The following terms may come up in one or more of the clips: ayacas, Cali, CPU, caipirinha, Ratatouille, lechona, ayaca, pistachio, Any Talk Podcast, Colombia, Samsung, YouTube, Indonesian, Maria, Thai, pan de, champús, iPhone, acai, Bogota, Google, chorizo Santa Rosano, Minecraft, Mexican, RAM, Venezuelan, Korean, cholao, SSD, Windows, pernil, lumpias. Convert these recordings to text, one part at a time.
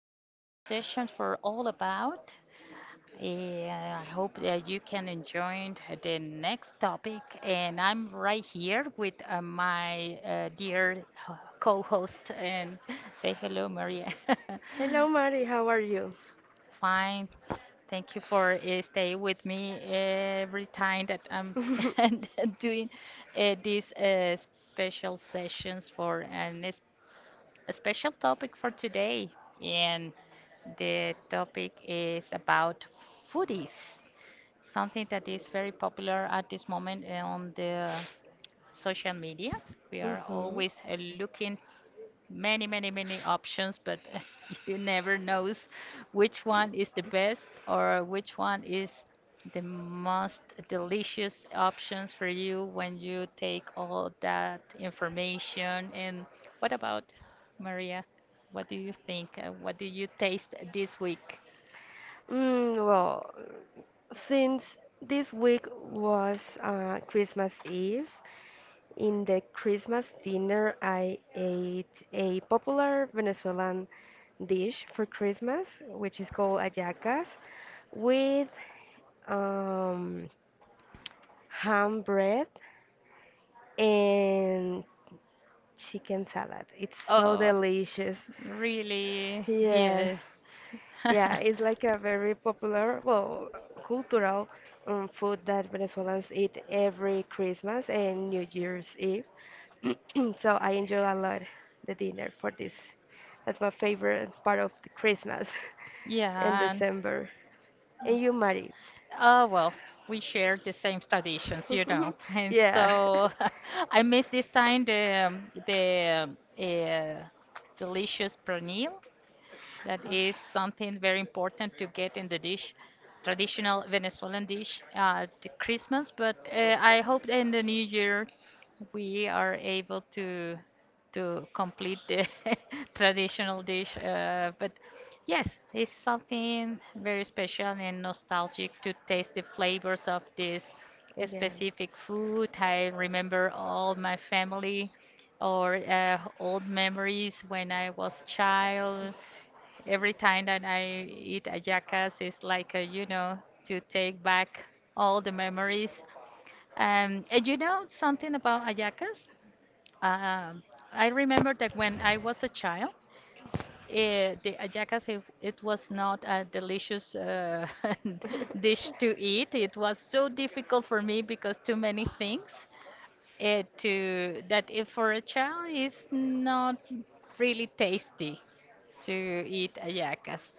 to a new session for All About. I hope that you can enjoy the next topic, and I'm right here with my dear co-host. And say hello, Maria. Hello, Mari. How are you? Fine, thank you for stay with me every time that I'm hmm doing these special sessions for an a special topic for today, and the topic is about foodies, something that is very popular at this moment on the social media. We are always looking many, many, many options, but you never knows which one is the best or which one is the most delicious options for you when you take all that information. And what about Maria? What do you think? What do you taste this week? Well, since this week was Christmas Eve, in the Christmas dinner, I ate a popular Venezuelan dish for Christmas, which is called ayacas, with um, ham bread and chicken salad. It's so Oh, delicious. really? Yes. Yes. Yeah, it's like a very popular, well, cultural food that Venezuelans eat every Christmas and New Year's Eve. So I enjoy a lot the dinner for this. That's my favorite part of the Christmas in Yeah. December. And you, Mari? Oh, well, we share the same traditions, you know. And Yeah. so I miss this time the delicious pernil. That is something very important to get in the dish, traditional Venezuelan dish at Christmas. But I hope in the new year we are able to complete the traditional dish. But yes, it's something very special and nostalgic to taste the flavors of this specific food. I remember all my family or old memories when I was Yeah. child. Every time that I eat ayacas, it's like, to take back all the memories. And you know something about ayacas? Um, I remember that when I was a child, the ayacas, it was not a delicious dish to eat. It was so difficult for me because too many things to that if for a child is not really tasty to eat ayacas.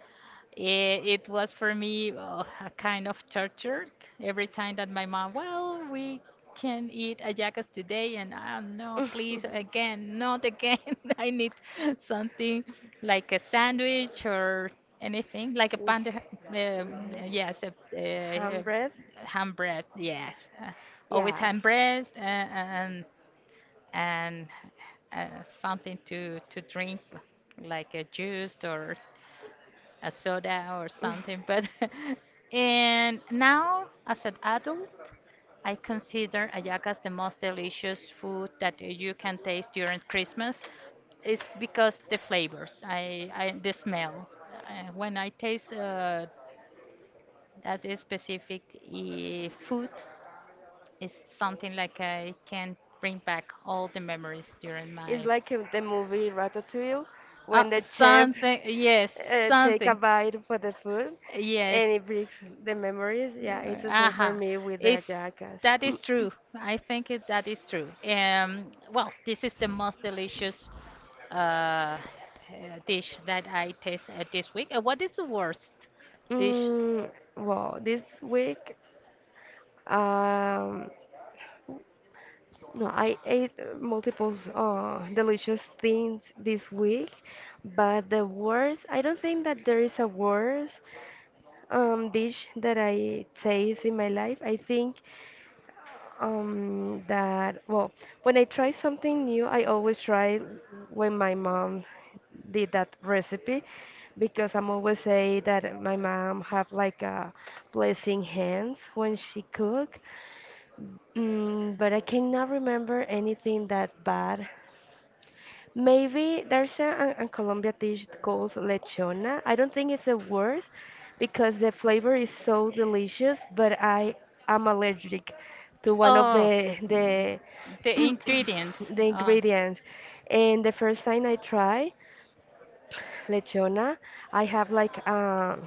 It was for me a kind of torture every time that my mom, well, we can eat ajakas today, and oh, no, please, again, not again. I need something like a sandwich or anything, like a pan de, yes, a, a, Bread? a ham bread, yes, uh, always ham bread and uh, something to drink, like a juice or a soda or something. But and now, as an adult, I consider ayacas the most delicious food that you can taste during Christmas. It's because the flavors, I the smell. When I taste that is specific food, it's something like I can bring back all the memories during It's my like in the movie Ratatouille uh, when the chef something yes take something, a something something, bite for the food yes. and it brings the memories. Yeah, it's Yeah, the Ah, same for aha, me with the it's, jackass. that is true. I think that is true. Well, this is the most delicious uh, uh, dish that I taste this week. What is the worst Yeah. dish? Well, this week, um, no, I ate multiple delicious things this week, but the worst, I don't think that there is a worst dish that I taste in my life. I think that, well, when I try something new, I always try when my mom did that recipe because I'm always say that my mom have like a blessing hands when she cook. But I cannot remember anything that bad. Maybe there's a, an Colombia dish called lechona. I don't think it's a word because the flavor is so delicious, but I am allergic to one of Of the the the ingredients, the uh, ingredients. And the first time I try lechona, I have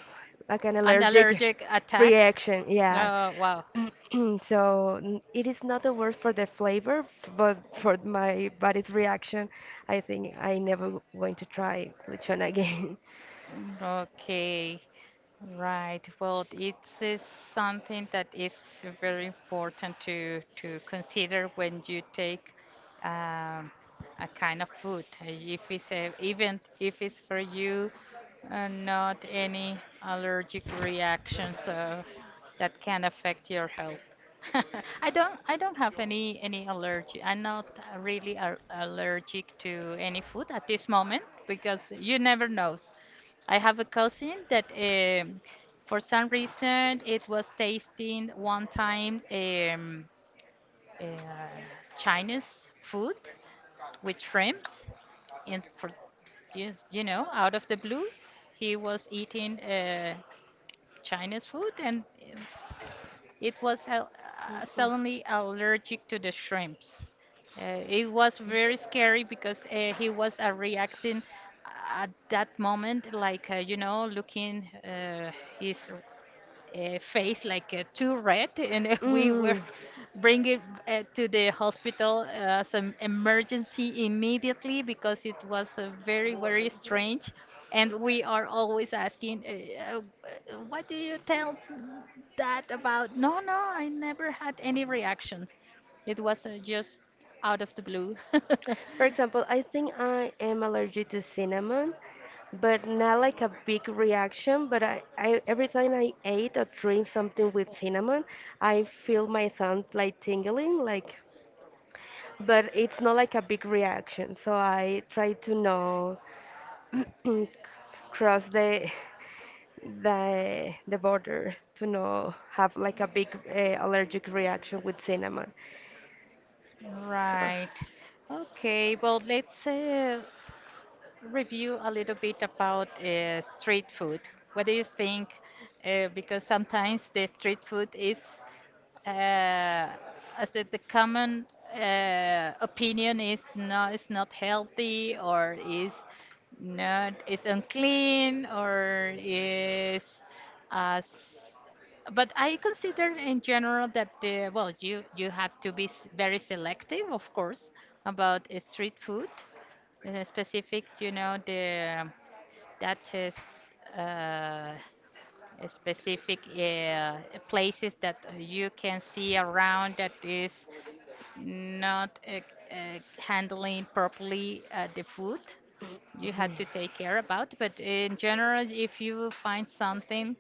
like an an allergic allergic attack. reaction. Yeah, Wow. so it is not the word for the flavor, but for my body's reaction, I think I never going to try lechon again. Okay. Right. Well, it is something that is very important to consider when you take um, a kind of food. If it's a, even if it's for you, not any allergic reactions. That can affect your health. I don't have any allergy. I'm not really allergic to any food at this moment because you never knows. I have a cousin that for some reason it was tasting one time uh, Chinese food with shrimps. In for, just you know, out of the blue he was eating Chinese food and it was suddenly allergic to the shrimps. It was very scary because he was reacting uh, at that moment, like, looking his face like too red, and Mm, we mm. were Mm. bring it to the hospital as an emergency immediately because it was very very strange, and we are always asking, what do you tell that about? No, no, I never had any reactions. It was just out of the blue. For example, I think I am allergic to cinnamon, but not like a big reaction. But I every time I ate or drink something with cinnamon, I feel my thumb like tingling, like. But it's not like a big reaction, so I try to know cross the border to not have like a big allergic reaction with cinnamon. Right. Okay, well, let's review a little bit about street food. What do you think? Because sometimes the street food is, uh, as the common opinion is no, it's not healthy or is not, it's unclean or is uh, but I consider in general that well, you have to be very selective, of course, about street food. Specific, you know, the that is a specific places that you can see around that is not handling properly the food. You Uh, had to take care about, but in general, if you find something,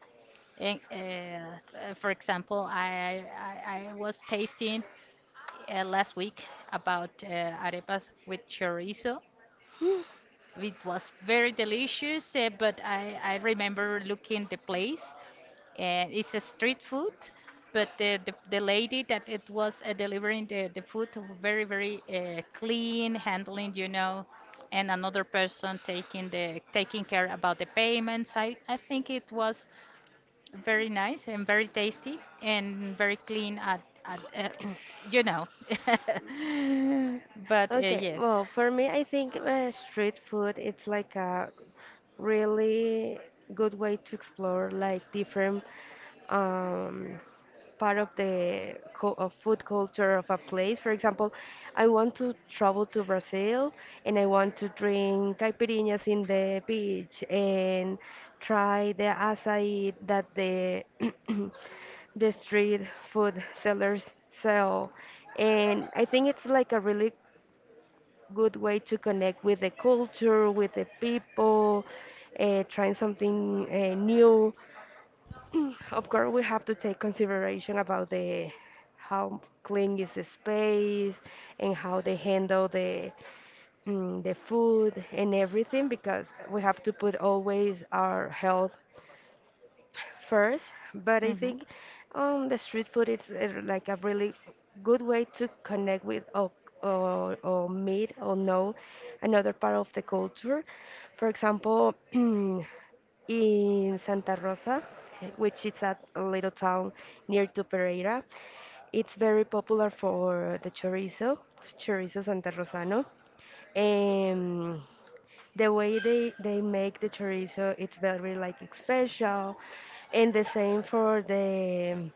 in, for example, I was tasting last week about arepas with chorizo. It was very delicious, but I remember looking the place. It's a street food, but the lady that it was delivering the food very, very clean, handling, you know, and another person taking the taking care about the payments. I think it was very nice and very tasty and very clean at you know. But okay, yes. well, for me, I think street food it's like a really good way to explore like different um, part of the of food culture of a place. For example, I want to travel to Brazil and I want to drink caipirinhas in the beach and try the acai that the the street food sellers sell. And I think it's like a really good way to connect with the culture, with the people, trying something new. Of course, we have to take consideration about the how clean is the space and how they handle the the food and everything because we have to put always our health first, but I Hmm. think the street food is like a really good way to connect with or meet or know another part of the culture. For example, in Santa Rosa, which is a little town near to Pereira, it's very popular for the chorizo, chorizo Santa Rosano. Um, the way they make the chorizo, it's very like special. And the same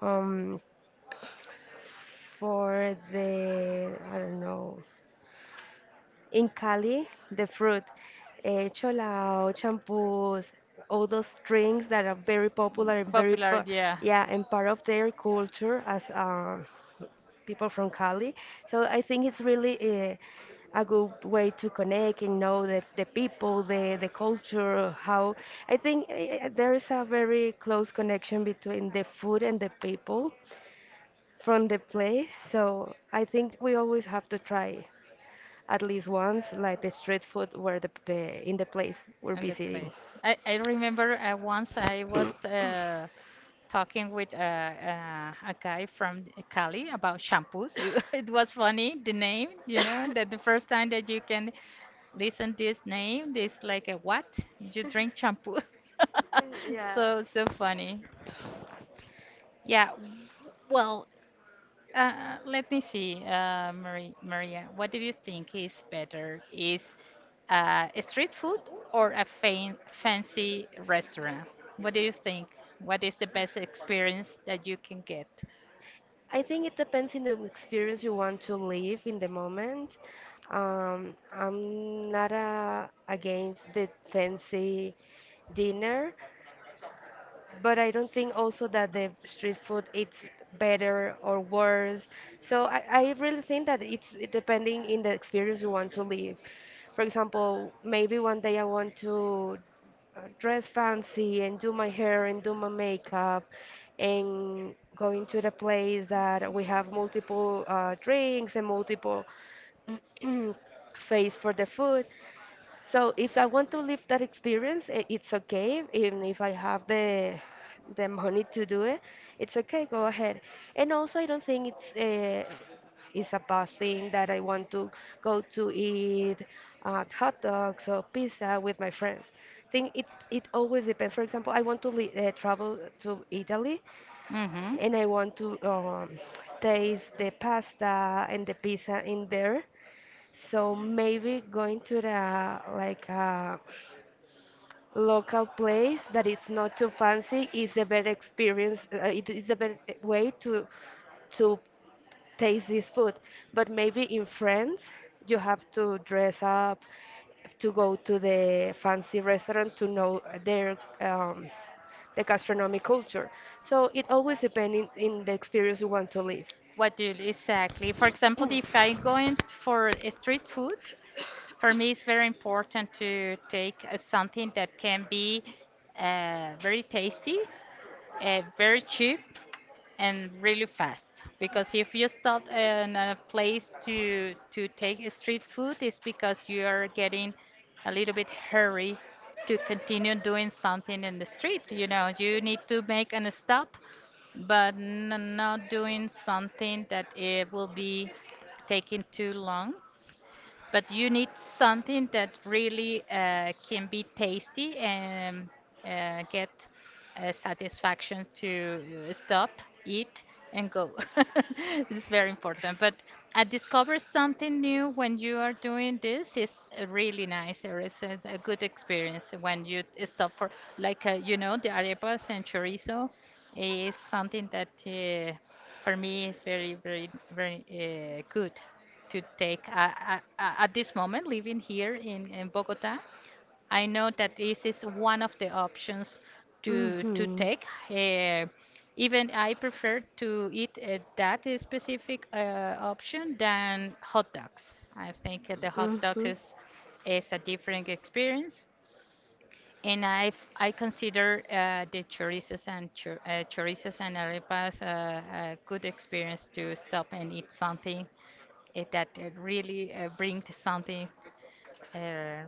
um for the I don't know in Cali, the fruit, cholao, champús, all those drinks that are very popular and very, Popular, yeah, yeah, and part of their culture as people from Cali. So I think it's really uh, a good way to connect and know the people, the culture, how I think there is a very close connection between the food and the people from the place. So I think we always have to try at least once, like the street food where the in the place we're in the visiting. place. I remember once I was talking with a guy from Cali about shampoos. It, was funny, the name, you know, that the first time that you can listen this name, this like a what? You drink shampoos. Yeah. So, so funny. Yeah. Well, let me see, Maria, what do you think is better? Is a street food or a fancy restaurant? What do you think? What is the best experience that you can get? I think it depends on the experience you want to live in the moment. I'm not against the fancy dinner, but I don't think also that the street food it's better or worse. So I really think that it's it depending in the experience you want to live. For example, maybe one day I want to dress fancy and do my hair and do my makeup and going to the place that we have multiple drinks and multiple face for the food. So if I want to live that experience, it's okay. Even if I have the money to do it, it's okay. Go ahead. And also, I don't think it's a bad thing that I want to go to eat hot dogs or pizza with my friends. I think it it always depends. For example, I want to travel to Italy, Mm-hmm. and I want to taste the pasta and the pizza in there. So maybe going to the like. Local place that it's not too fancy is the better experience it is the better way to taste this food, but maybe in France you have to dress up to go to the fancy restaurant to know their the gastronomic culture, so it always depends in the experience you want to live. What do you exactly? For example, if I'm going for a street food, for me, it's very important to take something that can be very tasty, very cheap, and really fast. Because if you stop in a place to take a street food, it's because you are getting a little bit hurry to continue doing something in the street. You know, you need to make an stop, but not doing something that it will be taking too long, but you need something that really can be tasty and get satisfaction to stop, eat, and go. It's very important. But I discover something new when you are doing this. It's really nice. Or it's a good experience when you stop for, like, the arepas and chorizo is something that for me is very, very, very good to take at this moment living here in Bogota. I know that this is one of the options to Mm-hmm. take. Uh, even I prefer to eat that specific option than hot dogs. I think the hot dogs Mm-hmm. Is a different experience. And I consider the chorizos and chor- chorizos and arepas a good experience to stop and eat something that really bring to something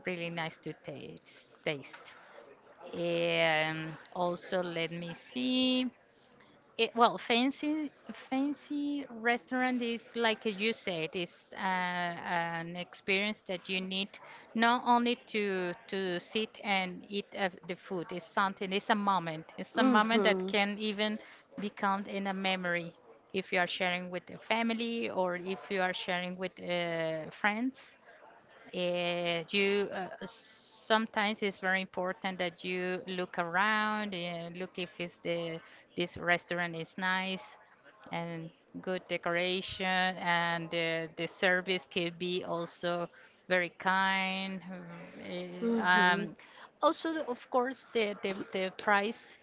really nice to taste. Also, let me see. It, well, fancy restaurant is like you said, is an experience that you need not only to sit and eat the food. It's something. It's a moment. It's a moment that Mm-hmm. can even become in a memory if you are sharing with the family or if you are sharing with friends. You sometimes it's very important that you look around and look if it's the, this restaurant is nice and good decoration and the service could be also very kind. Mm, eh, Mhm. Um, also, of course, the price,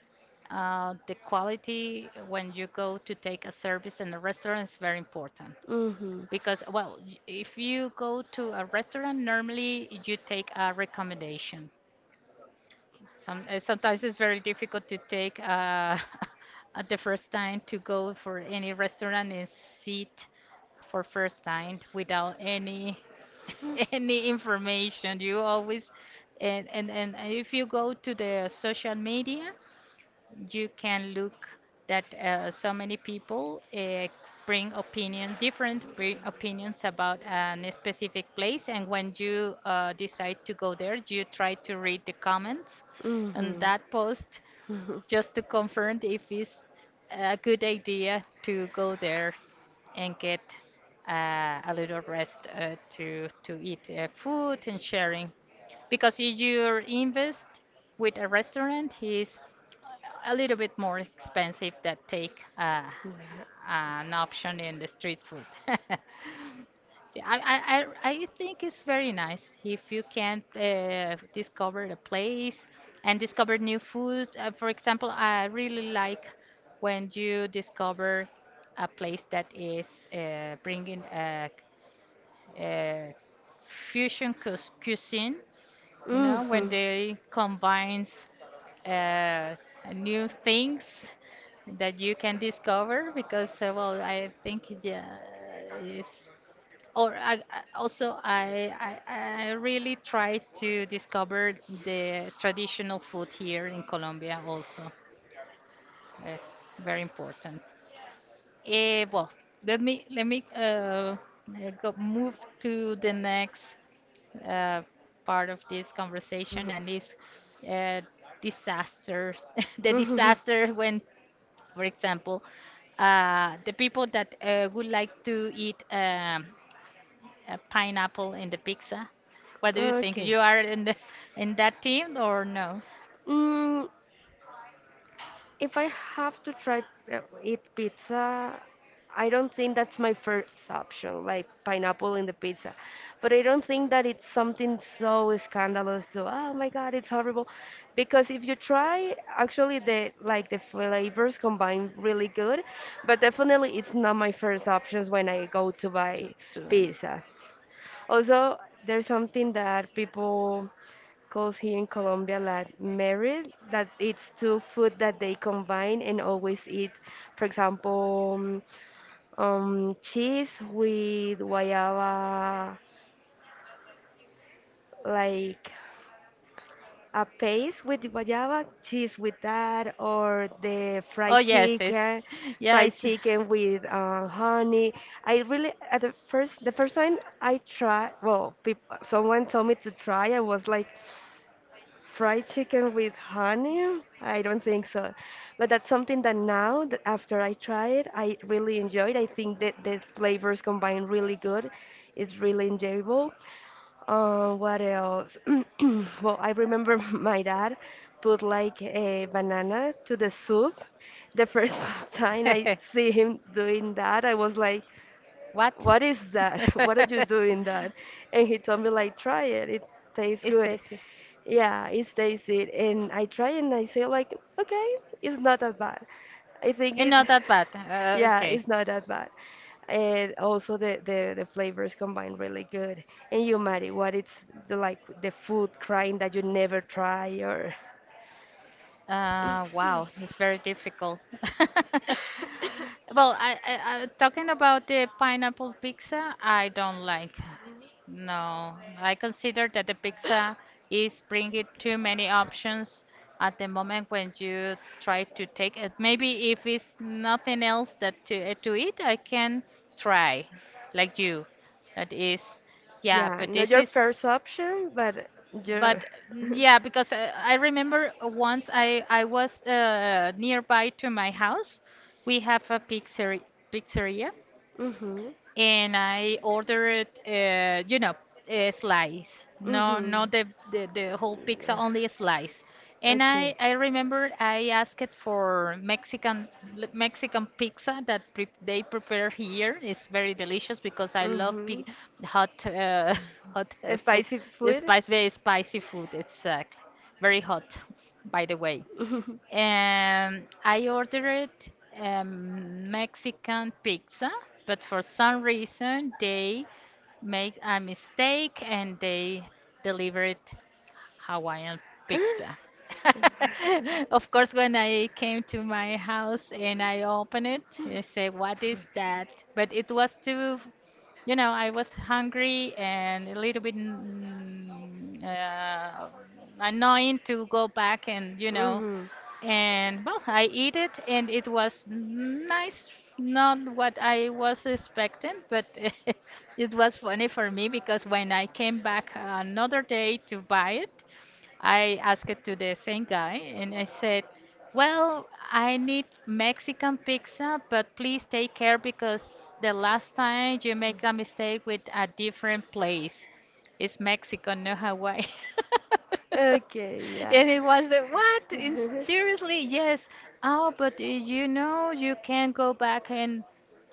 the quality when you go to take a service in a restaurant is very important. Mhm. Because, well, if you go to a restaurant, normally you take a recommendation. Sometimes it's very difficult to take at the first time to go for any restaurant and sit for first time without any any information. You always and if you go to the social media, you can look that so many people bring opinion, different opinions about an specific place, and when you decide to go there, you try to read the comments on Mhm. that post Mhm. just to confirm if it's a good idea mm to go there and get a little rest to eat food and sharing because if you invest with a restaurant is a little bit more expensive that take an option in the street food. Yeah, I think it's very nice if you can discover a place and discover new food. For example, I really like when you discover a place that is bringing a, c- uh, cuisine you know, when hmm they combines uh, new things that you can discover, because well, I think it, yeah, is or I- also I really try to discover the traditional food here in Colombia also. It's very important. Well, let me go move to the next uh, part of this conversation, and is uh, disaster. The Mhm. disaster when, for example, the people that would like to eat a pineapple in the pizza. What do you think? Okay. You are in in that team or no? Mm, if I have to try eat pizza, I don't think that's my first option, like pineapple in the pizza. But I don't think that it's something so scandalous, so oh my God, it's horrible. Because if you try, actually the like the flavors combine really good, but definitely it's not my first options when I go to Dun, buy dun. Pizza. pizza. Also, there's something that people calls here in Colombia la merit, that it's two food that they combine and always eat. For example, cheese with guayaba, like a paste with guayaba, cheese with that, or the Chicken, yeah, fried it's chicken. chicken with honey. I really at the first time I tried, well, peop someone told me to try. I was like, fried chicken with honey? I don't think so. But that's something that now, that after I try it, I really enjoyed. I think that the flavors combine really good. It's really enjoyable. What else? Well, I remember my dad put like a banana to the soup. The first time I see him doing that, I was like, What? "What is that? What are you doing that?" And he told me like, "Try it. It tastes It's good." tasty. Yeah, it stays it, and I try and I say like, okay, it's not that bad. I think it's, Not that bad. Yeah, yeah, okay. it's not that bad. And also the flavors combine really good. And you, Mari, what it's the, like the food crime that you never try or Wow, that's very difficult. Well, I talking about the pineapple pizza, I don't like. No, I consider that the pizza is bringing too many options at the moment when you try to take it. Maybe if it's nothing else that to eat, I can try, like you. That is, yeah, Yeah, but not this your is first option, but your. but mm, yeah because I remember once I was nearby to my house we have a pizzeria Mhm. and I ordered, you know, a slice. No, Mhm. not the whole pizza, Mm, only a slice. And I okay. I remember I asked for Mexican pizza that pre they prepare here. It's very delicious because I love pi Mhm. hot hot food, Spicy food. spicy, very spicy food. It's very hot, by the way. I ordered Mexican pizza, but for some reason they made a mistake and they delivered Hawaiian pizza. Of course, when I came to my house and I opened it, I said, "What is that?" But it was too you know, I was hungry and a little bit annoying to go back and, you know, Mm-hmm. and well, I eat it and it was nice, not what I was expecting, but it was funny for me because when I came back another day to buy it, I asked it to the same guy and I said, well, I need Mexican pizza, but please take care because the last time you make a mistake with a different place. It's Mexico, not Hawaii. Okay, yeah. And it was what? In, seriously? Yes. Oh, but you know you can go back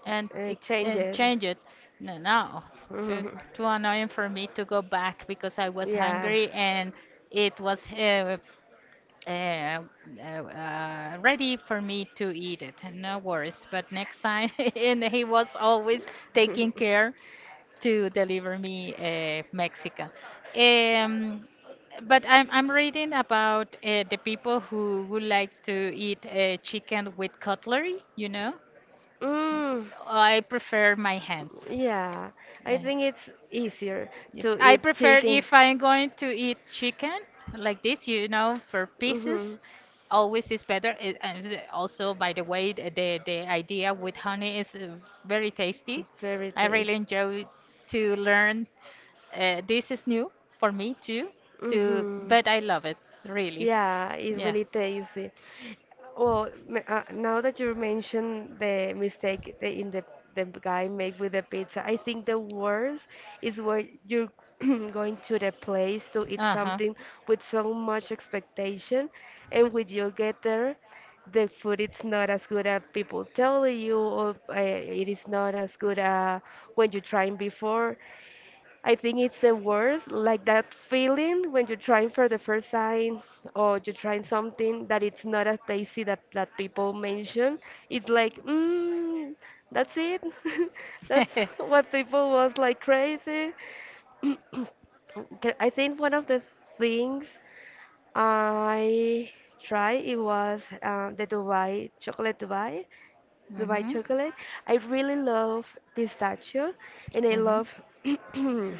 and ex change and it. change it. No, no. It's too Mhm. too annoying for me to go back because I was Yeah. hungry and it was uh, ready for me to eat it. No worries. But next time, and he was always taking care to deliver me Mexican. Um, but I'm reading about the people who would like to eat chicken with cutlery. You know, Mm, I prefer my hands. yeah. I think Yes. it's easier Yep. to I eat prefer chicken. if I'm going to eat chicken like this, you know, for Mm-hmm. pieces, always is better. Also, by the way, the idea with honey is very tasty. Very I really tasty. enjoy to learn. This is new for me too, to Hmm. but I love it really. Yeah, it Yeah. really tasty. Well, now that you mentioned the mistake the in the the guy made with the pizza, I think the worst is when you're going to the place to eat Uh huh. something with so much expectation, and when you get there, the food is not as good as people tell you, or it is not as good as when you tried before. I think it's the worst, like that feeling when you're trying for the first time or you're trying something that it's not as tasty that, that people mention. It's like, that's it. That's what people was like crazy. Okay, I think one of the things I tried it was the Dubai chocolate Dubai the white Mhm. chocolate. I really love pistachio and I Mhm. love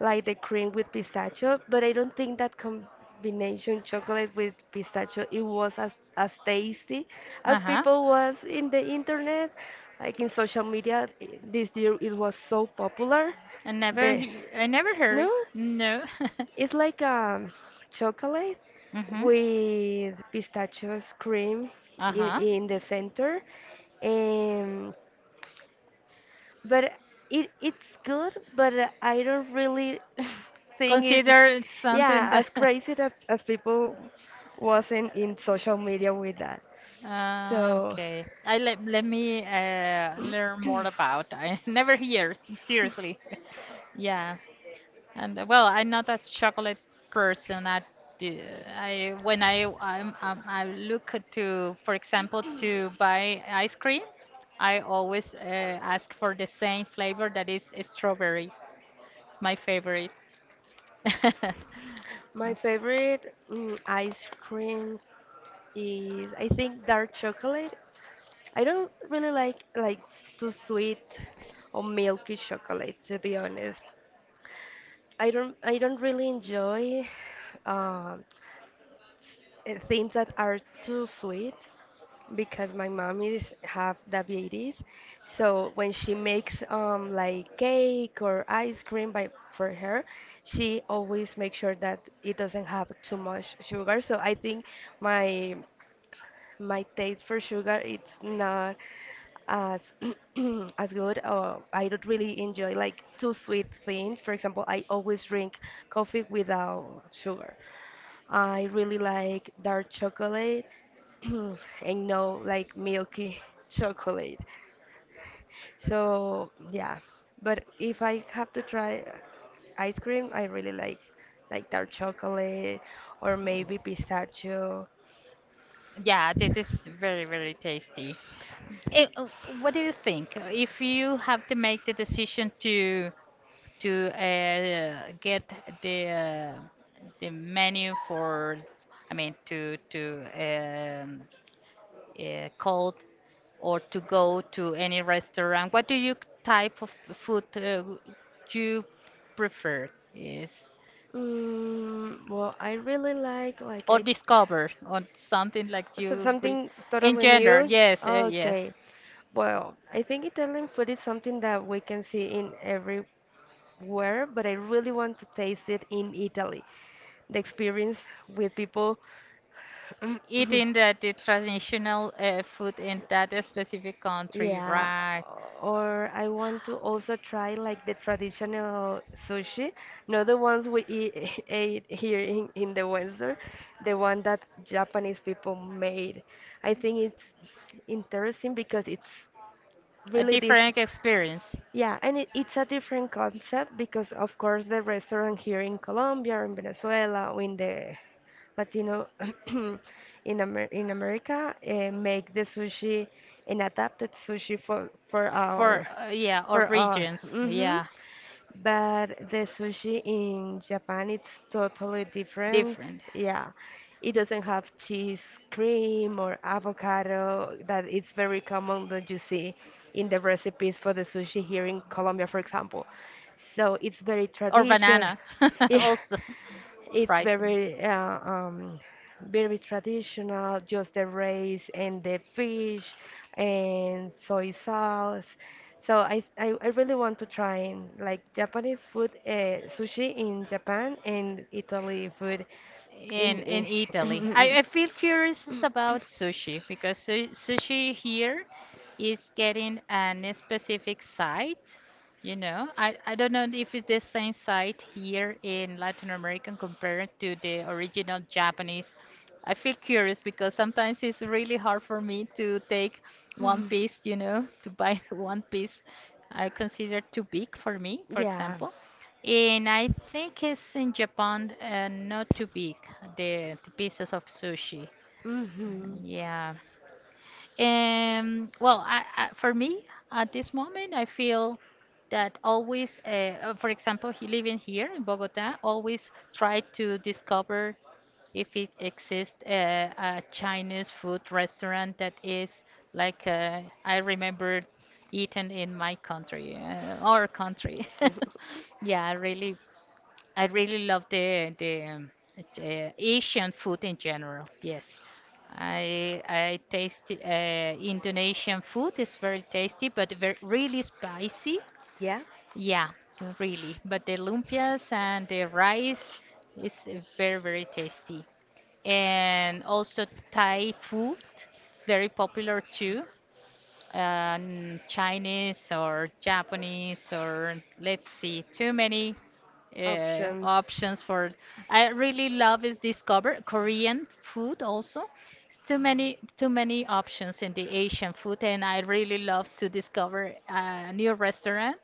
like the cream with pistachio, but I don't think that combination chocolate with pistachio it was as tasty Uh as huh. people was in the internet, like in social media. This year it was so popular. The I never heard no? it. No. It's like chocolate Mhm. with pistachios cream Uh huh. in the center. Um, but it it's good, but I don't really think it, Consider it something yeah, that. as crazy as people wasn't in social media with that. So okay. I let Let me learn more about. I never hear, seriously. Yeah. And well, I'm not a chocolate person. I do, I when I look to, for example, to buy ice cream, I always ask for the same flavor that is strawberry. It's my favorite. my favorite ice cream is I think dark chocolate. I don't really like too sweet or milky chocolate to be honest. I don't really enjoy um, things that are too sweet because my mom is have diabetes. So when she makes like cake or ice cream by for her, she always makes sure that it doesn't have too much sugar. So I think my my taste for sugar it's not as as good or I don't really enjoy like too sweet things. For example, I always drink coffee without sugar. I really like dark chocolate and no like milky chocolate. So yeah, but if I have to try ice cream, I really like dark chocolate or maybe pistachio. Yeah, this is very, very tasty. Eh, uh, what do you think? If you have to make the decision to get the uh, the menu for, I mean, to um, cold or to go to any restaurant, what do you type of food you prefer? Is Well, I really like or I discover or something like so- you will something totally engender? new. Yes, yes. Okay. Well, I think Italian food is something that we can see in everywhere, but I really want to taste it in Italy. The experience with people Eating the traditional food in that specific country, yeah, right? or I want to also try like the traditional sushi, not the ones we eat, ate here in the Western, the one that Japanese people made. I think it's interesting because it's A really different. different experience Yeah, and it, it's a different concept because, of course, the restaurant here in Colombia or in Venezuela or in the Latino in Amer in America make the sushi and adapted sushi for for our yeah, or for us. regions, Hmm. yeah, But the sushi in Japan, it's totally different. different. Yeah, it doesn't have cheese, cream, or avocado that it's very common that you see in the recipes for the sushi here in Colombia, for example. So it's very Or traditional. banana, Yeah, also it's fried. very very traditional. Just the rice and the fish and soy sauce. So I really want to try like Japanese food, sushi in Japan and Italy food In in. Italy. I feel curious is about sushi because sushi here is getting an specific site. You know, I don't know if it's the same site here in Latin America compared to the original Japanese. I feel curious because sometimes it's really hard for me to take one piece, you know, to buy one piece I consider too big for me, for yeah. example. And I think it's in Japan, not too big, the pieces of sushi. Hmm. Yeah. For me, at this moment, I feel that always, for example, he living here in Bogota, always try to discover if it exists a Chinese food restaurant that is like I remember eaten in my country, our country. Yeah, I really love the Asian food in general. Yes, I taste Indonesian food. It's very tasty, but very, really spicy. Yeah. Yeah, really. But the lumpias and the rice is very very tasty, and also Thai food, very popular too and Chinese or Japanese or let's see, too many Options. options for. I really love is discover Korean food also. It's too many options in the Asian food, and I really love to discover a new restaurant.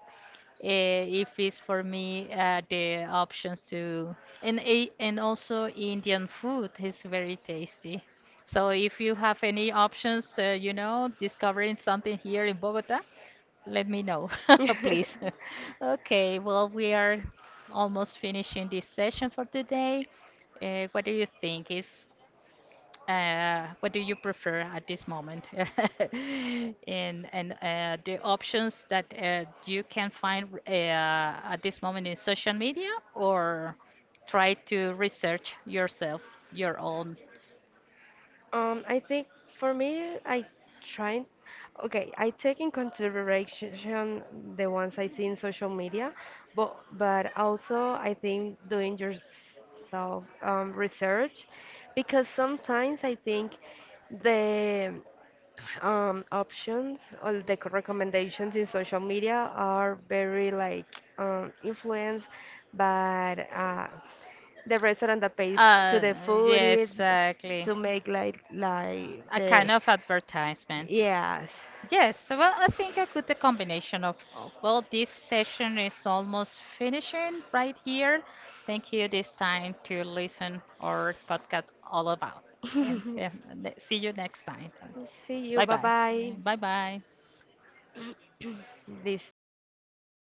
If it's for me the options to and also Indian food is very tasty. So if you have any options, you know, discovering something here in Bogota, let me know, please. Okay, well, we are almost finishing this session for today. Uh, what do you think is what do you prefer at this moment? And the options that you can find at this moment in social media, or try to research yourself, your own I think for me, I try. Okay, I take in consideration the ones I see in social media, but also I think doing yourself research, because sometimes I think the options all the recommendations in social media are very like influenced by the restaurant that pays to Uh, the food yes is exactly. to make like A kind the of advertisement. yes. Yes, so, well, I think a good combination of all. Well, this session is almost finishing right here. Thank you this time to listen our podcast all about. And see you next time. See you. Bye Bye bye. bye. Bye bye. This talk.